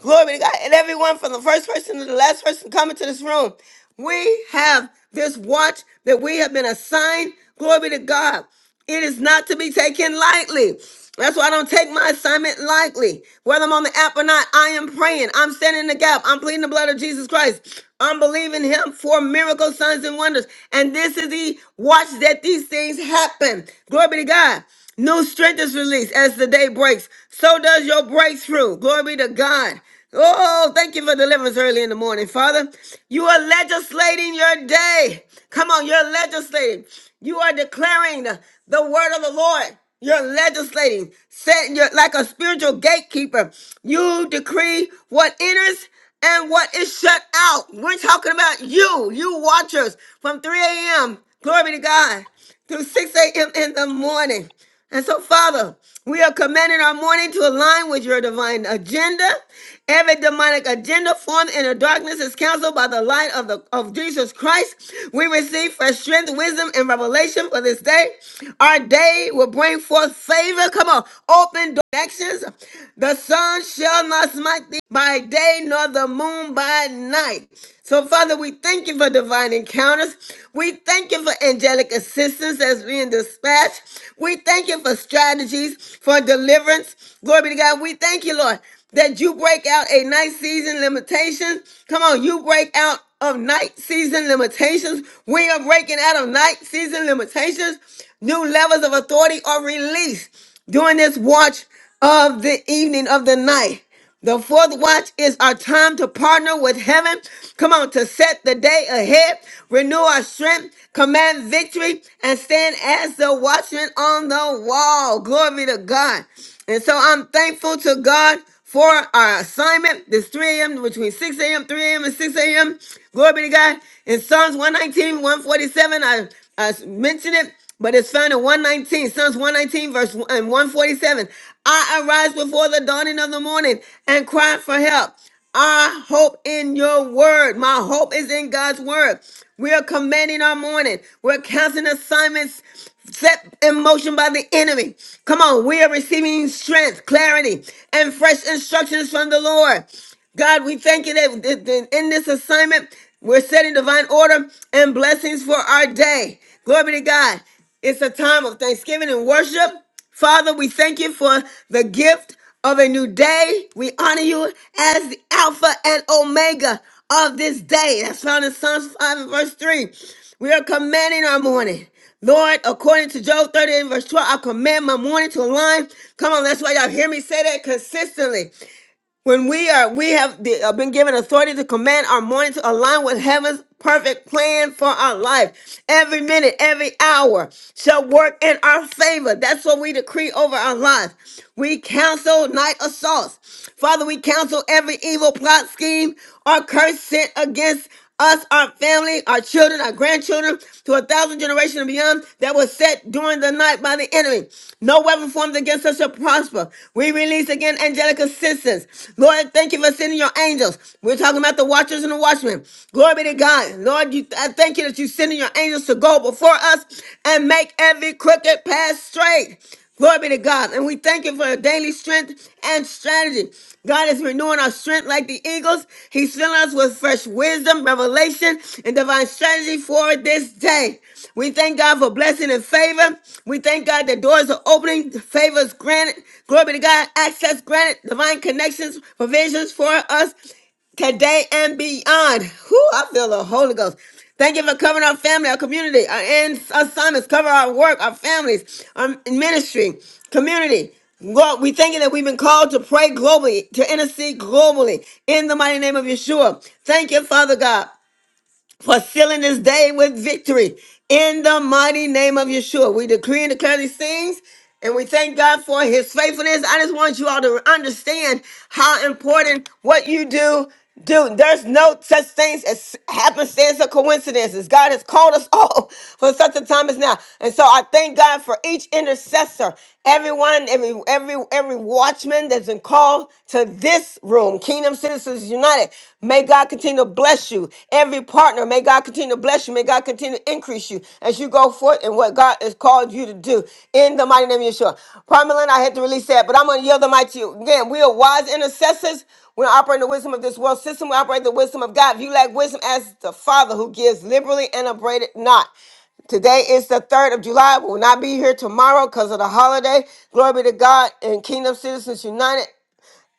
Speaker 2: glory be to God, and everyone from the first person to the last person coming to this room. We have this watch that we have been assigned. Glory be to God. It is not to be taken lightly. That's why I don't take my assignment lightly. Whether I'm on the app or not, I am praying. I'm standing in the gap. I'm pleading the blood of Jesus Christ. I'm believing him for miracles, signs, and wonders. And this is the watch that these things happen. Glory be to God. New strength is released as the day breaks. So does your breakthrough. Glory be to God. Oh, thank you for deliverance early in the morning, Father. You are legislating your day. Come on, you're legislating. You are declaring the, the word of the Lord. You're legislating. Set your like a spiritual gatekeeper. You decree what enters and what is shut out. We're talking about you, you watchers from 3 a.m. Glory be to God through 6 a.m. in the morning. And so, Father, we are commanding our morning to align with your divine agenda. Every demonic agenda formed in the darkness is canceled by the light of the of Jesus Christ. We receive fresh strength, wisdom, and revelation for this day. Our day will bring forth favor. Come on, open directions. The sun shall not smite thee by day, nor the moon by night. So, Father, we thank you for divine encounters. We thank you for angelic assistance as being dispatched. We thank you for strategies for deliverance. Glory be to God. We thank you, Lord, that you break out a night season limitation. Come on, you break out of night season limitations. We are breaking out of night season limitations. New levels of authority are released during this watch of the evening of the night. The fourth watch is our time to partner with heaven. Come on, to set the day ahead, renew our strength, command victory, and stand as the watchman on the wall. Glory be to God. And so I'm thankful to God for our assignment. This 3 a.m. between 6 a.m., 3 a.m., and 6 a.m. Glory be to God. In Psalms one nineteen one forty seven, I, I mentioned it but it's found in 119, Psalms 119, verse 1 and 147. I arise before the dawning of the morning and cry for help. I hope in your word. My hope is in God's word. We are commanding our morning. We're counting assignments set in motion by the enemy. Come on, we are receiving strength, clarity, and fresh instructions from the Lord. God, we thank you that that- that in this assignment, we're setting divine order and blessings for our day. Glory be to God. It's a time of thanksgiving and worship. Father, we thank you for the gift of a new day. We honor you as the Alpha and Omega of this day. That's found in Psalms 5 and verse 3. We are commanding our morning. Lord, according to Job 30 and verse 12, I command my morning to align. Come on, that's why y'all hear me say that consistently. When we are, we have the- uh, been given authority to command our morning to align with heaven's perfect plan for our life. Every minute, every hour shall work in our favor. That's what we decree over our lives. We counsel night assaults. Father, we counsel every evil plot scheme or curse sent against us, our family, our children, our grandchildren, to a thousand generations and beyond that was set during the night by the enemy. No weapon formed against us shall prosper. We release again angelic assistance. Lord, thank you for sending your angels. We're talking about the watchers and the watchmen. Glory be to God. Lord, you, I thank you that you're sending your angels to go before us and make every crooked path straight. Glory be to God. And we thank you for your daily strength and strategy. God is renewing our strength like the eagles. He's filling us with fresh wisdom, revelation, and divine strategy for this day. We thank God for blessing and favor. We thank God that doors are opening, favors granted. Glory be to God, access granted, divine connections, provisions for us today and beyond. Whew, I feel the Holy Ghost. Thank you for covering our family, our community, our and assignments, cover our work, our families, our ministry, community. Lord, we thank you that we've been called to pray globally, to intercede globally in the mighty name of Yeshua. Thank you, Father God for sealing this day with victory. In the mighty name of Yeshua, we decree and declare these things. And we thank God for his faithfulness. I just want you all to understand how important what you do, do. There's no such things as happenstance or coincidences. God has called us all <laughs> for such a time as now. And so I thank God for each intercessor, everyone, every every every watchman watchman that's been called to this room, Kingdom Citizens United. May God continue to bless you. Every partner, may God continue to bless you. May God continue to increase you as you go forth in what God has called you to do. In the mighty name of Yeshua. Primary Lynn, I had to release that, but I'm going to yield the mic to you. Again, we are wise intercessors. We don't operate in the wisdom of this world system. We operate in the wisdom of God. If you lack wisdom, ask the Father who gives liberally and abraded not. Today is the 3rd of July. We will not be here tomorrow because of the holiday. Glory be to God and Kingdom Citizens United.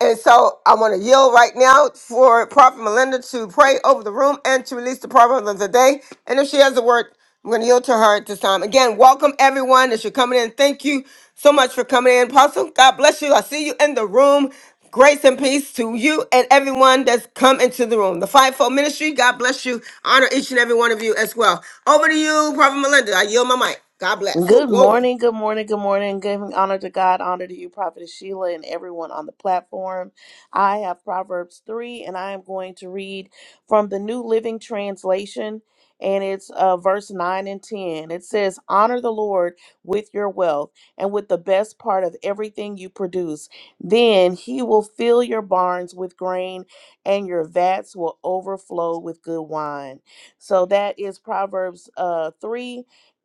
Speaker 2: And so I want to yield right now for Prophet Melinda to pray over the room and to release the proverb of the day. And if she has a word, I'm going to yield to her at this time. Again, welcome everyone as you're coming in. Thank you so much for coming in, Apostle. God bless you. I see you in the room. Grace and peace to you and everyone that's come into the room. The fivefold ministry, God bless you. Honor each and every one of you as well. Over to you, Prophet Melinda. I yield my mic. God bless. Oh,
Speaker 14: Good
Speaker 2: glory.
Speaker 14: morning, good morning, good morning. Giving honor to God, honor to you, Prophet Sheila, and everyone on the platform. I have Proverbs 3, and I am going to read from the New Living Translation, and it's uh, verse 9 and 10. It says, Honor the Lord with your wealth and with the best part of everything you produce. Then he will fill your barns with grain, and your vats will overflow with good wine. So that is Proverbs uh, 3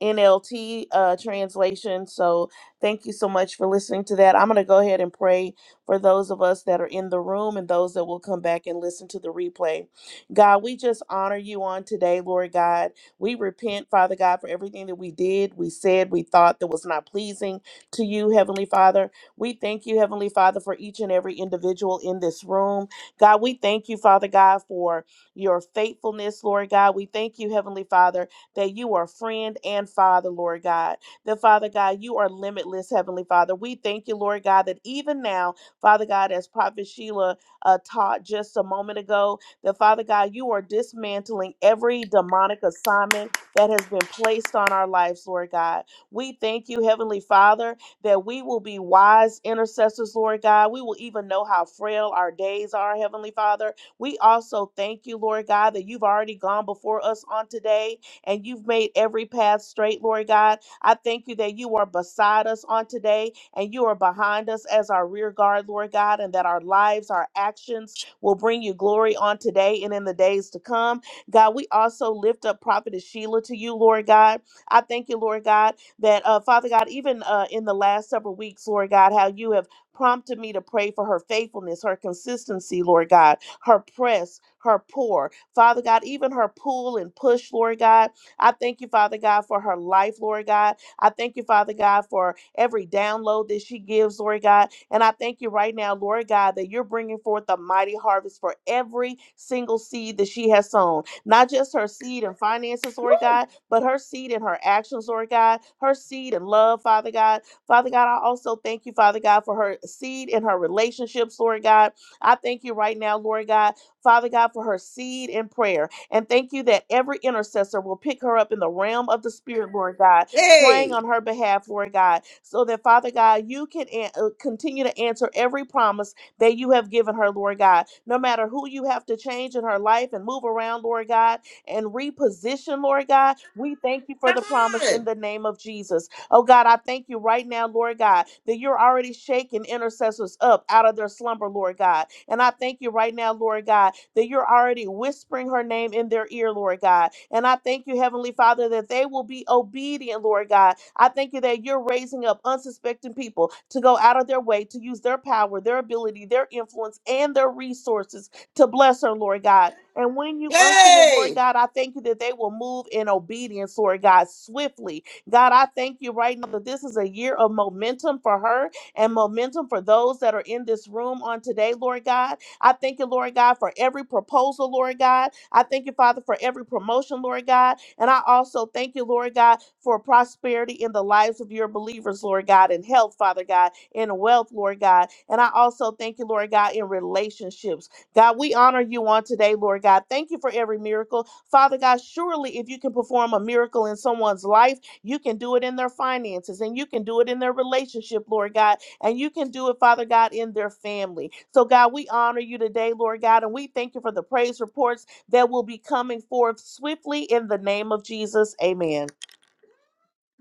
Speaker 14: NLT uh, translation. So thank you so much for listening to that. I'm going to go ahead and pray for those of us that are in the room and those that will come back and listen to the replay. God, we just honor you on today, Lord God. We repent, Father God, for everything that we did, we said, we thought that was not pleasing to you, Heavenly Father. We thank you, Heavenly Father, for each and every individual in this room. God, we thank you, Father God, for your faithfulness, Lord God. We thank you, Heavenly Father that you are friend and father, Lord God. That, Father God, you are limitless, Heavenly Father. We thank you, Lord God, that even now, Father God, as Prophet Sheila uh, taught just a moment ago, that, Father God, you are dismantling every demonic assignment that has been placed on our lives, Lord God. We thank you, Heavenly Father, that we will be wise intercessors, Lord God. We will even know how frail our days are, Heavenly Father. We also thank you, Lord God, that you've already gone before us on today and you've made every path straight, Lord God. I thank you that you are beside us on today and you are behind us as our rear guard, Lord God, and that our lives, our actions will bring you glory on today and in the days to come. God, we also lift up Prophetess Sheila to you, Lord God. I thank you, Lord God, that uh, Father God, even uh, in the last several weeks, Lord God, how you have prompted me to pray for her faithfulness, her consistency, Lord God, her press, her pour, Father God, even her pull and push, Lord God. I thank you, Father God, for her life, Lord God. I thank you, Father God, for every download that she gives, Lord God. And I thank you right now, Lord God, that you're bringing forth a mighty harvest for every single seed that she has sown. Not just her seed and finances, Lord God, but her seed and her actions, Lord God. Her seed and love, Father God. Father God, I also thank you, Father God, for her seed and her relationships, Lord God. I thank you right now, Lord God, Father God, for her seed in prayer. And thank you that every intercessor will pick her up in the realm of the Spirit, Lord God, praying
Speaker 2: Hey,
Speaker 14: on her behalf, Lord God, so that, Father God, you can an- uh, continue to answer every promise that you have given her, Lord God. No matter who you have to change in her life and move around, Lord God, and reposition, Lord God, we thank you for
Speaker 2: come
Speaker 14: the promise in
Speaker 2: on.
Speaker 14: the name of Jesus. Oh God, I thank you right now, Lord God, that you're already shaking intercessors up out of their slumber, Lord God. And I thank you right now, Lord God, that you're already whispering her name in their ear, Lord God. And I thank you, Heavenly Father, that they will be obedient, Lord God. I thank you that you're raising up unsuspecting people to go out of their way to use their power, their ability, their influence, and their resources to bless her, Lord God. And when you unction it,
Speaker 2: Hey.
Speaker 14: Lord God, I thank you that they will move in obedience, Lord God, swiftly God, I thank you right now that this is a year of momentum for her and momentum for those that are in this room on today, Lord God. I thank you, Lord God, for every proposal, Lord God. I thank you, Father, for every promotion, Lord God. And I also thank you, Lord God, for prosperity in the lives of your believers, Lord God, in health, Father God, in wealth, Lord God. And I also thank you, Lord God, in relationships. God, we honor you on today, Lord God. Thank you for every miracle. Father God, surely if you can perform a miracle in someone's life, you can do it in their finances and you can do it in their relationship, Lord God, and you can do it, Father God, in their family. So, God, we honor you today, Lord God, and we thank you for the praise reports that will be coming forth swiftly in the name of Jesus. Amen.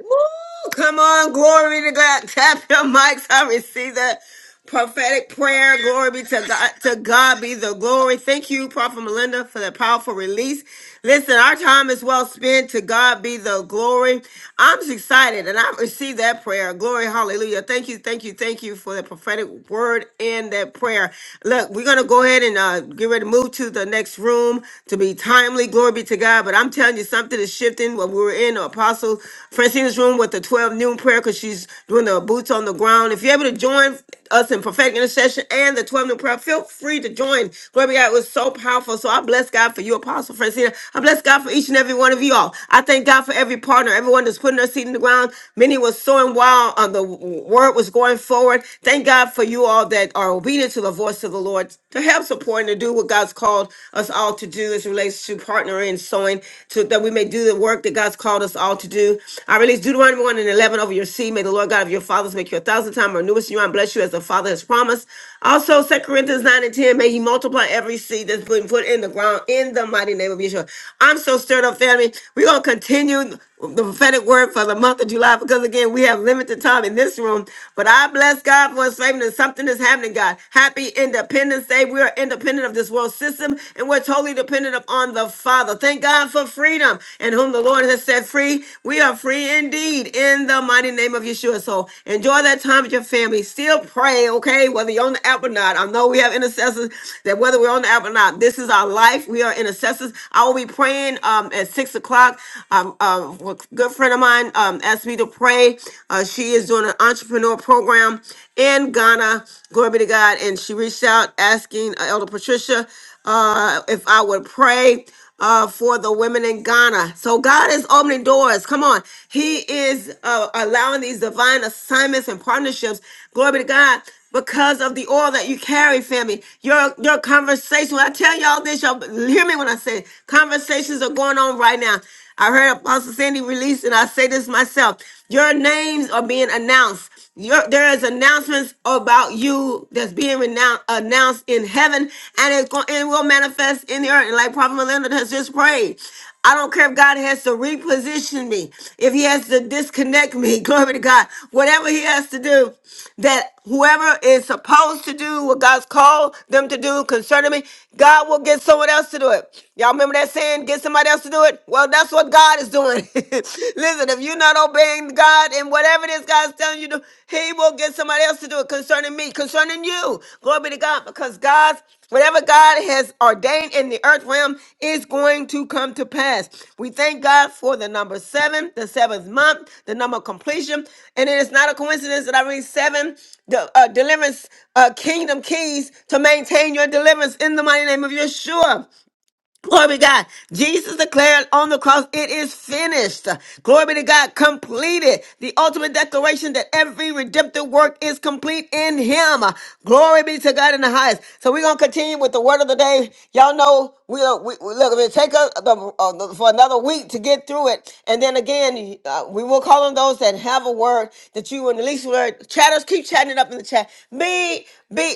Speaker 2: Woo! Come on, glory to God. <laughs> Tap your mics. I receive the prophetic prayer. Glory be to God. To God be the glory. Thank you, Prophet Melinda, for that powerful release. Listen, our time is well spent. To God be the glory. I'm just excited and I received that prayer. Glory, hallelujah. Thank you, thank you, thank you for the prophetic word and that prayer. Look, we're going to go ahead and uh, get ready to move to the next room to be timely. Glory be to God. But I'm telling you, sudden something is shifting. When we were in Apostle Francina's room with the 12 noon prayer because she's doing the boots on the ground. If you're able to join us in prophetic intercession and the 12 noon prayer, feel free to join. Glory be to God. It was so powerful. So I bless God for you, Apostle Francina. I bless God for each and every one of you all. I thank God for every partner, everyone that's putting their seed in the ground. Many was sowing while uh, the word was going forward. Thank God for you all that are obedient to the voice of the Lord to help support and to do what God's called us all to do as it relates to partnering and sowing, to that we may do the work that God's called us all to do. I release Deuteronomy 1 and 11 over your seed. May the Lord God of your fathers make you a thousand times more newest you and bless you as the Father has promised. Also, Second Corinthians 9 and 10, may he multiply every seed that's been put in the ground in the mighty name of Yeshua. I'm so stirred up, family. We're going to continue the prophetic word for the month of July because again we have limited time in this room. But I bless God for his favor and something is happening, God. Happy Independence Day. We are independent of this world system and we're totally dependent upon the Father. Thank God for freedom and whom the Lord has set free. We are free indeed in the mighty name of Yeshua. So enjoy that time with your family. Still pray, okay, whether you're on the app or not. I know we have intercessors that whether we're on the app or not, this is our life. We are intercessors. I will be praying um, at six o'clock. Um, uh, a good friend of mine um, asked me to pray. Uh, she is doing an entrepreneur program program in Ghana. Glory be to God. And she reached out asking uh, Elder Patricia uh, if I would pray uh, for the women in Ghana. So God is opening doors. Come on. He is uh, allowing these divine assignments and partnerships. Glory be to God. Because of the oil that you carry, family, your your conversation. When I tell y'all this, y'all hear me when I say it. conversations are going on right now. I heard Apostle Sandy release, and I say this myself. Your names are being announced. Your, there is announcements about you that's being renoun- announced in heaven, and it's going and will manifest in the earth. And like Prophet Melinda has just prayed, I don't care if God has to reposition me, if He has to disconnect me. <laughs> Glory to God. Whatever He has to do, that whoever is supposed to do what God's called them to do concerning me, God will get someone else to do it. Y'all remember that saying, get somebody else to do it? Well, that's what God is doing. <laughs> Listen, if you're not obeying God and whatever it is God's telling you to do, He will get somebody else to do it concerning me, concerning you. Glory be to God, because God's Whatever God has ordained in the earth realm is going to come to pass. We thank God for the number seven, the seventh month, the number of completion. And it is not a coincidence that I read seven the uh, deliverance uh, kingdom keys to maintain your deliverance in the mighty name of Yeshua. Glory be to God. Jesus declared on the cross, it is finished. Glory be to God, completed. The ultimate declaration that every redemptive work is complete in Him. Glory be to God in the highest. So we're going to continue with the word of the day. Y'all know, we, we, we look, if it take us some- uh, for another week to get through it. And then again, uh, we will call on those that have a word that you and release word. Chatters, keep chatting it up in the chat. Be be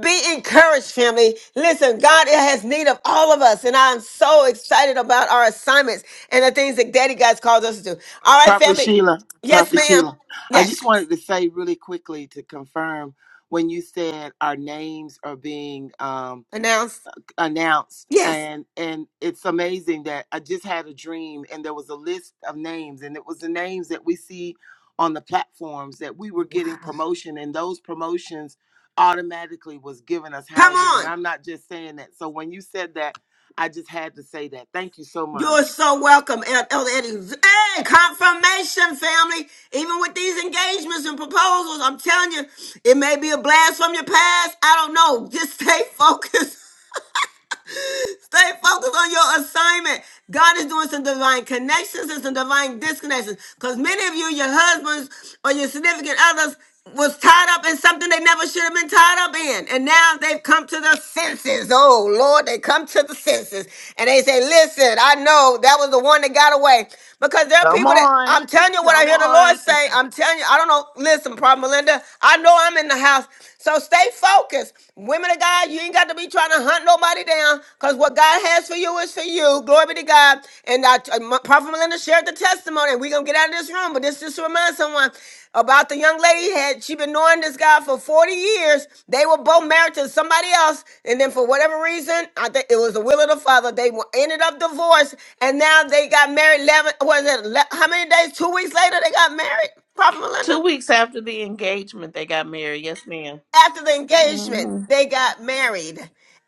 Speaker 2: be encouraged, family. Listen, God has need of all of us, and I'm so excited about our assignments and the things that Daddy God's called us to do. All right,
Speaker 15: Prophet
Speaker 2: family.
Speaker 15: Sheila,
Speaker 2: Yes,
Speaker 15: Prophet
Speaker 2: ma'am.
Speaker 15: Sheila, I
Speaker 2: Yes.
Speaker 15: just wanted to say really quickly to confirm when you said our names are being um,
Speaker 2: Announced.
Speaker 15: announced,
Speaker 2: Yes.
Speaker 15: and and it's amazing that I just had a dream and there was a list of names, and it was the names that we see on the platforms that we were getting
Speaker 2: Wow.
Speaker 15: promotion, and those promotions automatically was giving us
Speaker 2: Come
Speaker 15: houses. And
Speaker 2: on.
Speaker 15: I'm not just saying that. So when you said that, I just had to say that. Thank you so much.
Speaker 2: You're so welcome, El- Elder Eddie. Hey, confirmation, family. Even with these engagements and proposals, I'm telling you, it may be a blast from your past. I don't know. <laughs> Just stay focused <laughs> Stay focused on your assignment. God is doing some divine connections and some divine disconnections. Because many of you, your husbands or your significant others, was tied up in something they never should have been tied up in. And now they've come to their senses. Oh, Lord, they come to the senses. And they say, listen, I know that was the one that got away. Because there are
Speaker 14: Come
Speaker 2: people that,
Speaker 14: on.
Speaker 2: I'm telling you what I
Speaker 14: Come
Speaker 2: hear the Lord
Speaker 14: on. <laughs>
Speaker 2: say. I'm telling you, I don't know. Listen, Prophet Melinda, I know I'm in the house. So stay focused focused. Women of God, you ain't got to be trying to hunt nobody down because what God has for you is for you. Glory be to God. And I, uh, Prophet Melinda shared the testimony, and we're going to get out of this room, but this just to remind someone about the young lady had she been knowing this guy for 40 years they were both married to somebody else and then for whatever reason i think it was the will of the father they wa- ended up divorced and now they got married 11 was it ele- how many days two weeks later they got married prophet melinda
Speaker 14: Two weeks after the engagement, they got married. Yes, madam
Speaker 2: after the engagement,
Speaker 14: Mm-hmm.
Speaker 2: they got married.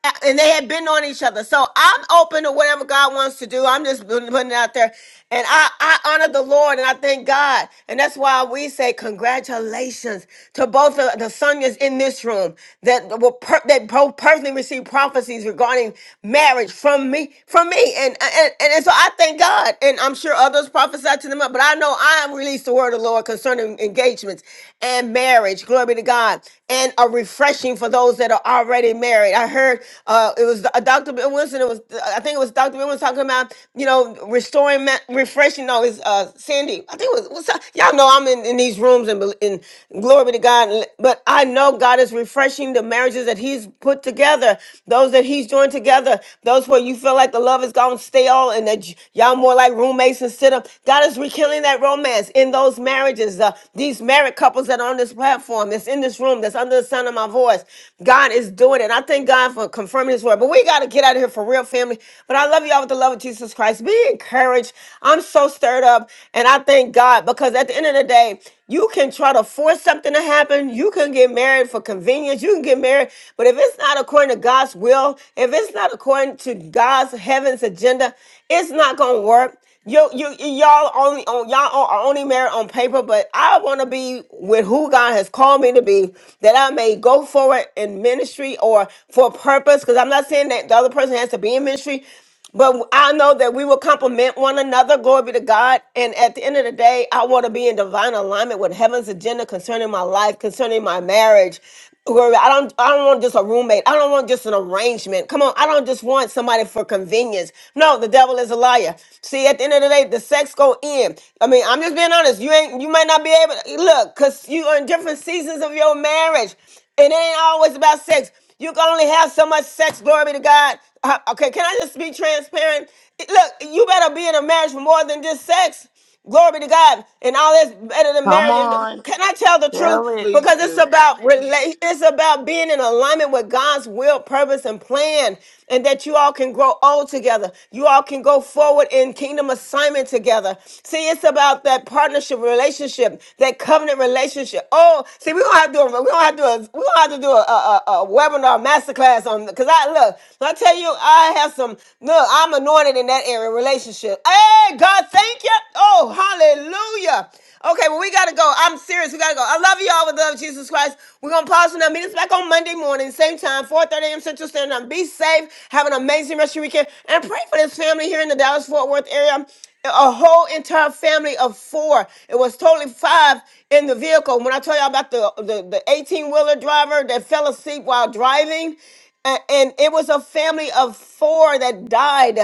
Speaker 2: A- And they had been on each other. So I'm open to whatever God wants to do. I'm just putting putting it out there. And I, I honor the Lord and I thank God. And that's why we say congratulations to both of the Sonias in this room that will per- that both personally received prophecies regarding marriage from me, from me. And, and and so I thank God. And I'm sure others prophesied to them, but I know I released the word of the Lord concerning engagements and marriage. Glory be to God and a refreshing for those that are already married. I heard uh, it was uh, Dr. Bill Wilson. It was uh, I think it was Dr. Bill Wilson talking about you know restoring, ma- refreshing. No, it's uh, Sandy. I think it was, was y'all know I'm in, in these rooms and, bel- and glory be to God. But I know God is refreshing the marriages that He's put together, those that He's joined together, those where you feel like the love is gone stale and that y- y'all more like roommates instead of God is rekindling that romance in those marriages. Uh, these married couples that are on this platform, that's in this room, room that's under the sound of my voice. God is doing it. And I thank God for confirming his word. But we got to get out of here for real, family. But I love y'all with the love of Jesus Christ. Be encouraged. I'm so stirred up. And I thank God because at the end of the day, you can try to force something to happen. You can get married for convenience. You can get married. But if it's not according to God's will, if it's not according to God's heaven's agenda, it's not going to work. Yo, you you- y'all only on y'all are only married on paper, but I want to be with who God has called me to be, that I may go forward in ministry or for a purpose. Because I'm not saying that the other person has to be in ministry, but I know that we will complement one another. Glory be to God. And at the end of the day, I want to be in divine alignment with heaven's agenda concerning my life, concerning my marriage. Gloria, I don't I don't want just a roommate. I don't want just an arrangement. Come on, I don't just want somebody for convenience. No, the devil is a liar. See, at the end of the day, the sex go in. I mean, I'm just being honest. You ain't you might not be able to look, cause you are in different seasons of your marriage. It ain't always about sex. You can only have so much sex, glory be to God. Uh, Okay, can I just be transparent? Look, you better be in a marriage for more than just sex. Glory to God. And all that's better than
Speaker 14: Come
Speaker 2: marriage. And
Speaker 14: on.
Speaker 2: can I tell the
Speaker 14: Tell
Speaker 2: truth?
Speaker 14: it.
Speaker 15: Please
Speaker 2: Because it's
Speaker 15: do.
Speaker 2: about relate, it's about being in alignment with God's will, purpose, and plan. And that you all can grow old together. You all can go forward in kingdom assignment together. See, it's about that partnership relationship, that covenant relationship. Oh, see, we're gonna have to do a, we gonna have to do a, we gonna have to do a, a, a, a webinar masterclass on because I look, I tell you, I have some look, Look, I'm anointed in that area, relationship. Hey, God, thank you. Oh, hallelujah. Okay, well, we gotta go. I'm serious. We gotta go. I love you all with the love of Jesus Christ. We're gonna pause for now. Meet us back on Monday morning, same time, 4:30 a.m. Central Standard Time. Be safe. Have an amazing rest of your weekend. And pray for this family here in the Dallas Fort Worth area. A whole entire family of four. It was totally five in the vehicle. When I tell y'all about the the 18 wheeler driver that fell asleep while driving, a- and it was a family of four that died.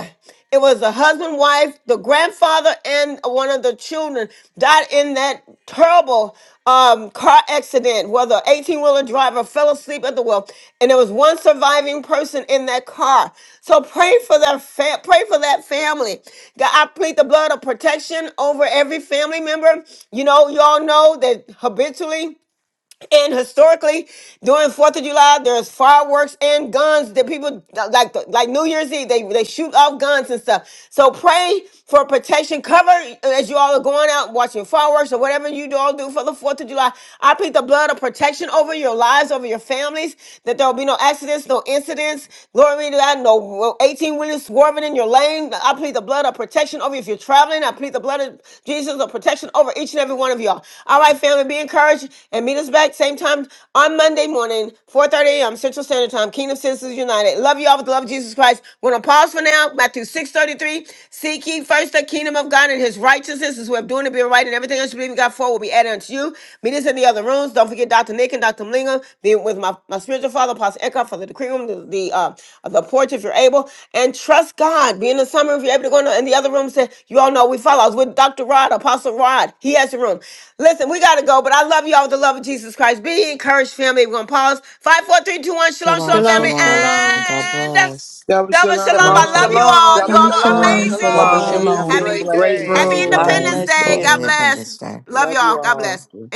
Speaker 2: It was a husband, wife, the grandfather, and one of the children died in that terrible um, car accident where the 18 wheeler driver fell asleep at the wheel. And there was one surviving person in that car. So pray for that, fa- pray for that family. God, I plead the blood of protection over every family member. You know, you all know that habitually and historically, during Fourth of July, there's fireworks and guns that people like, like New Year's Eve, they they shoot off guns and stuff. So pray for protection, cover uh, as you all are going out watching fireworks or whatever you all do for the Fourth of July. I plead the blood of protection over your lives, over your families, that there will be no accidents, no incidents. Glory be to God. No no, 18 wheelers swerving in your lane. I plead the blood of protection over you if you're traveling traveling. I plead the blood of Jesus of protection over each and every one of y'all. All right, family, be encouraged and meet us back same time on Monday morning, 4:30 a.m. Central Standard Time. Kingdom Citizens United. Love you all with the love of Jesus Christ. We're gonna pause for now. Matthew 6:33. Seek ye first the kingdom of God and His righteousness, Is way of doing it, being right, and everything else you believe in God for will be added unto you. Meet us in the other rooms. Don't forget Dr. Nick and Dr. Mlingo. Be with my, my spiritual father, Pastor Eckhart, for the decree room to the uh, the porch if you're able, and trust God. Be in the summer if you're able to go in the, in the other room. Say, you all know we follow. I was with Dr. Rod, Apostle Rod. He has a room. Listen, we gotta go, but I love you all with the love of Jesus Christ. Be encouraged, family. We're gonna pause. Five, four, three, two, one. Shalom,
Speaker 3: Shalom,
Speaker 2: shalom, family,
Speaker 11: Shalom,
Speaker 3: shalom.
Speaker 11: shalom.
Speaker 3: God
Speaker 2: and
Speaker 3: bless.
Speaker 15: Shabbat
Speaker 2: double shalom.
Speaker 16: Shalom,
Speaker 2: I love you
Speaker 15: shalom.
Speaker 16: shalom.
Speaker 2: all. You
Speaker 9: Double
Speaker 8: Shalom,
Speaker 2: all are
Speaker 9: shalom,
Speaker 17: Shalom,
Speaker 8: shalom.
Speaker 6: Double
Speaker 2: amazing.
Speaker 9: shalom.
Speaker 17: shalom.
Speaker 9: Have a
Speaker 17: Peace
Speaker 14: Hello.
Speaker 6: shalom.
Speaker 17: and
Speaker 15: Amazing.
Speaker 9: great
Speaker 2: Happy
Speaker 15: Great
Speaker 17: blessings,
Speaker 2: Happy
Speaker 9: day.
Speaker 6: God
Speaker 15: room.
Speaker 2: Independence
Speaker 16: Happy
Speaker 17: everyone.
Speaker 6: bless
Speaker 2: Day.
Speaker 16: Friday.
Speaker 3: Happy
Speaker 6: you.
Speaker 2: God bless.
Speaker 3: Independence Day.
Speaker 2: Love
Speaker 15: Love
Speaker 2: y'all.
Speaker 15: you
Speaker 2: God
Speaker 15: all.
Speaker 2: bless.
Speaker 17: Blessings.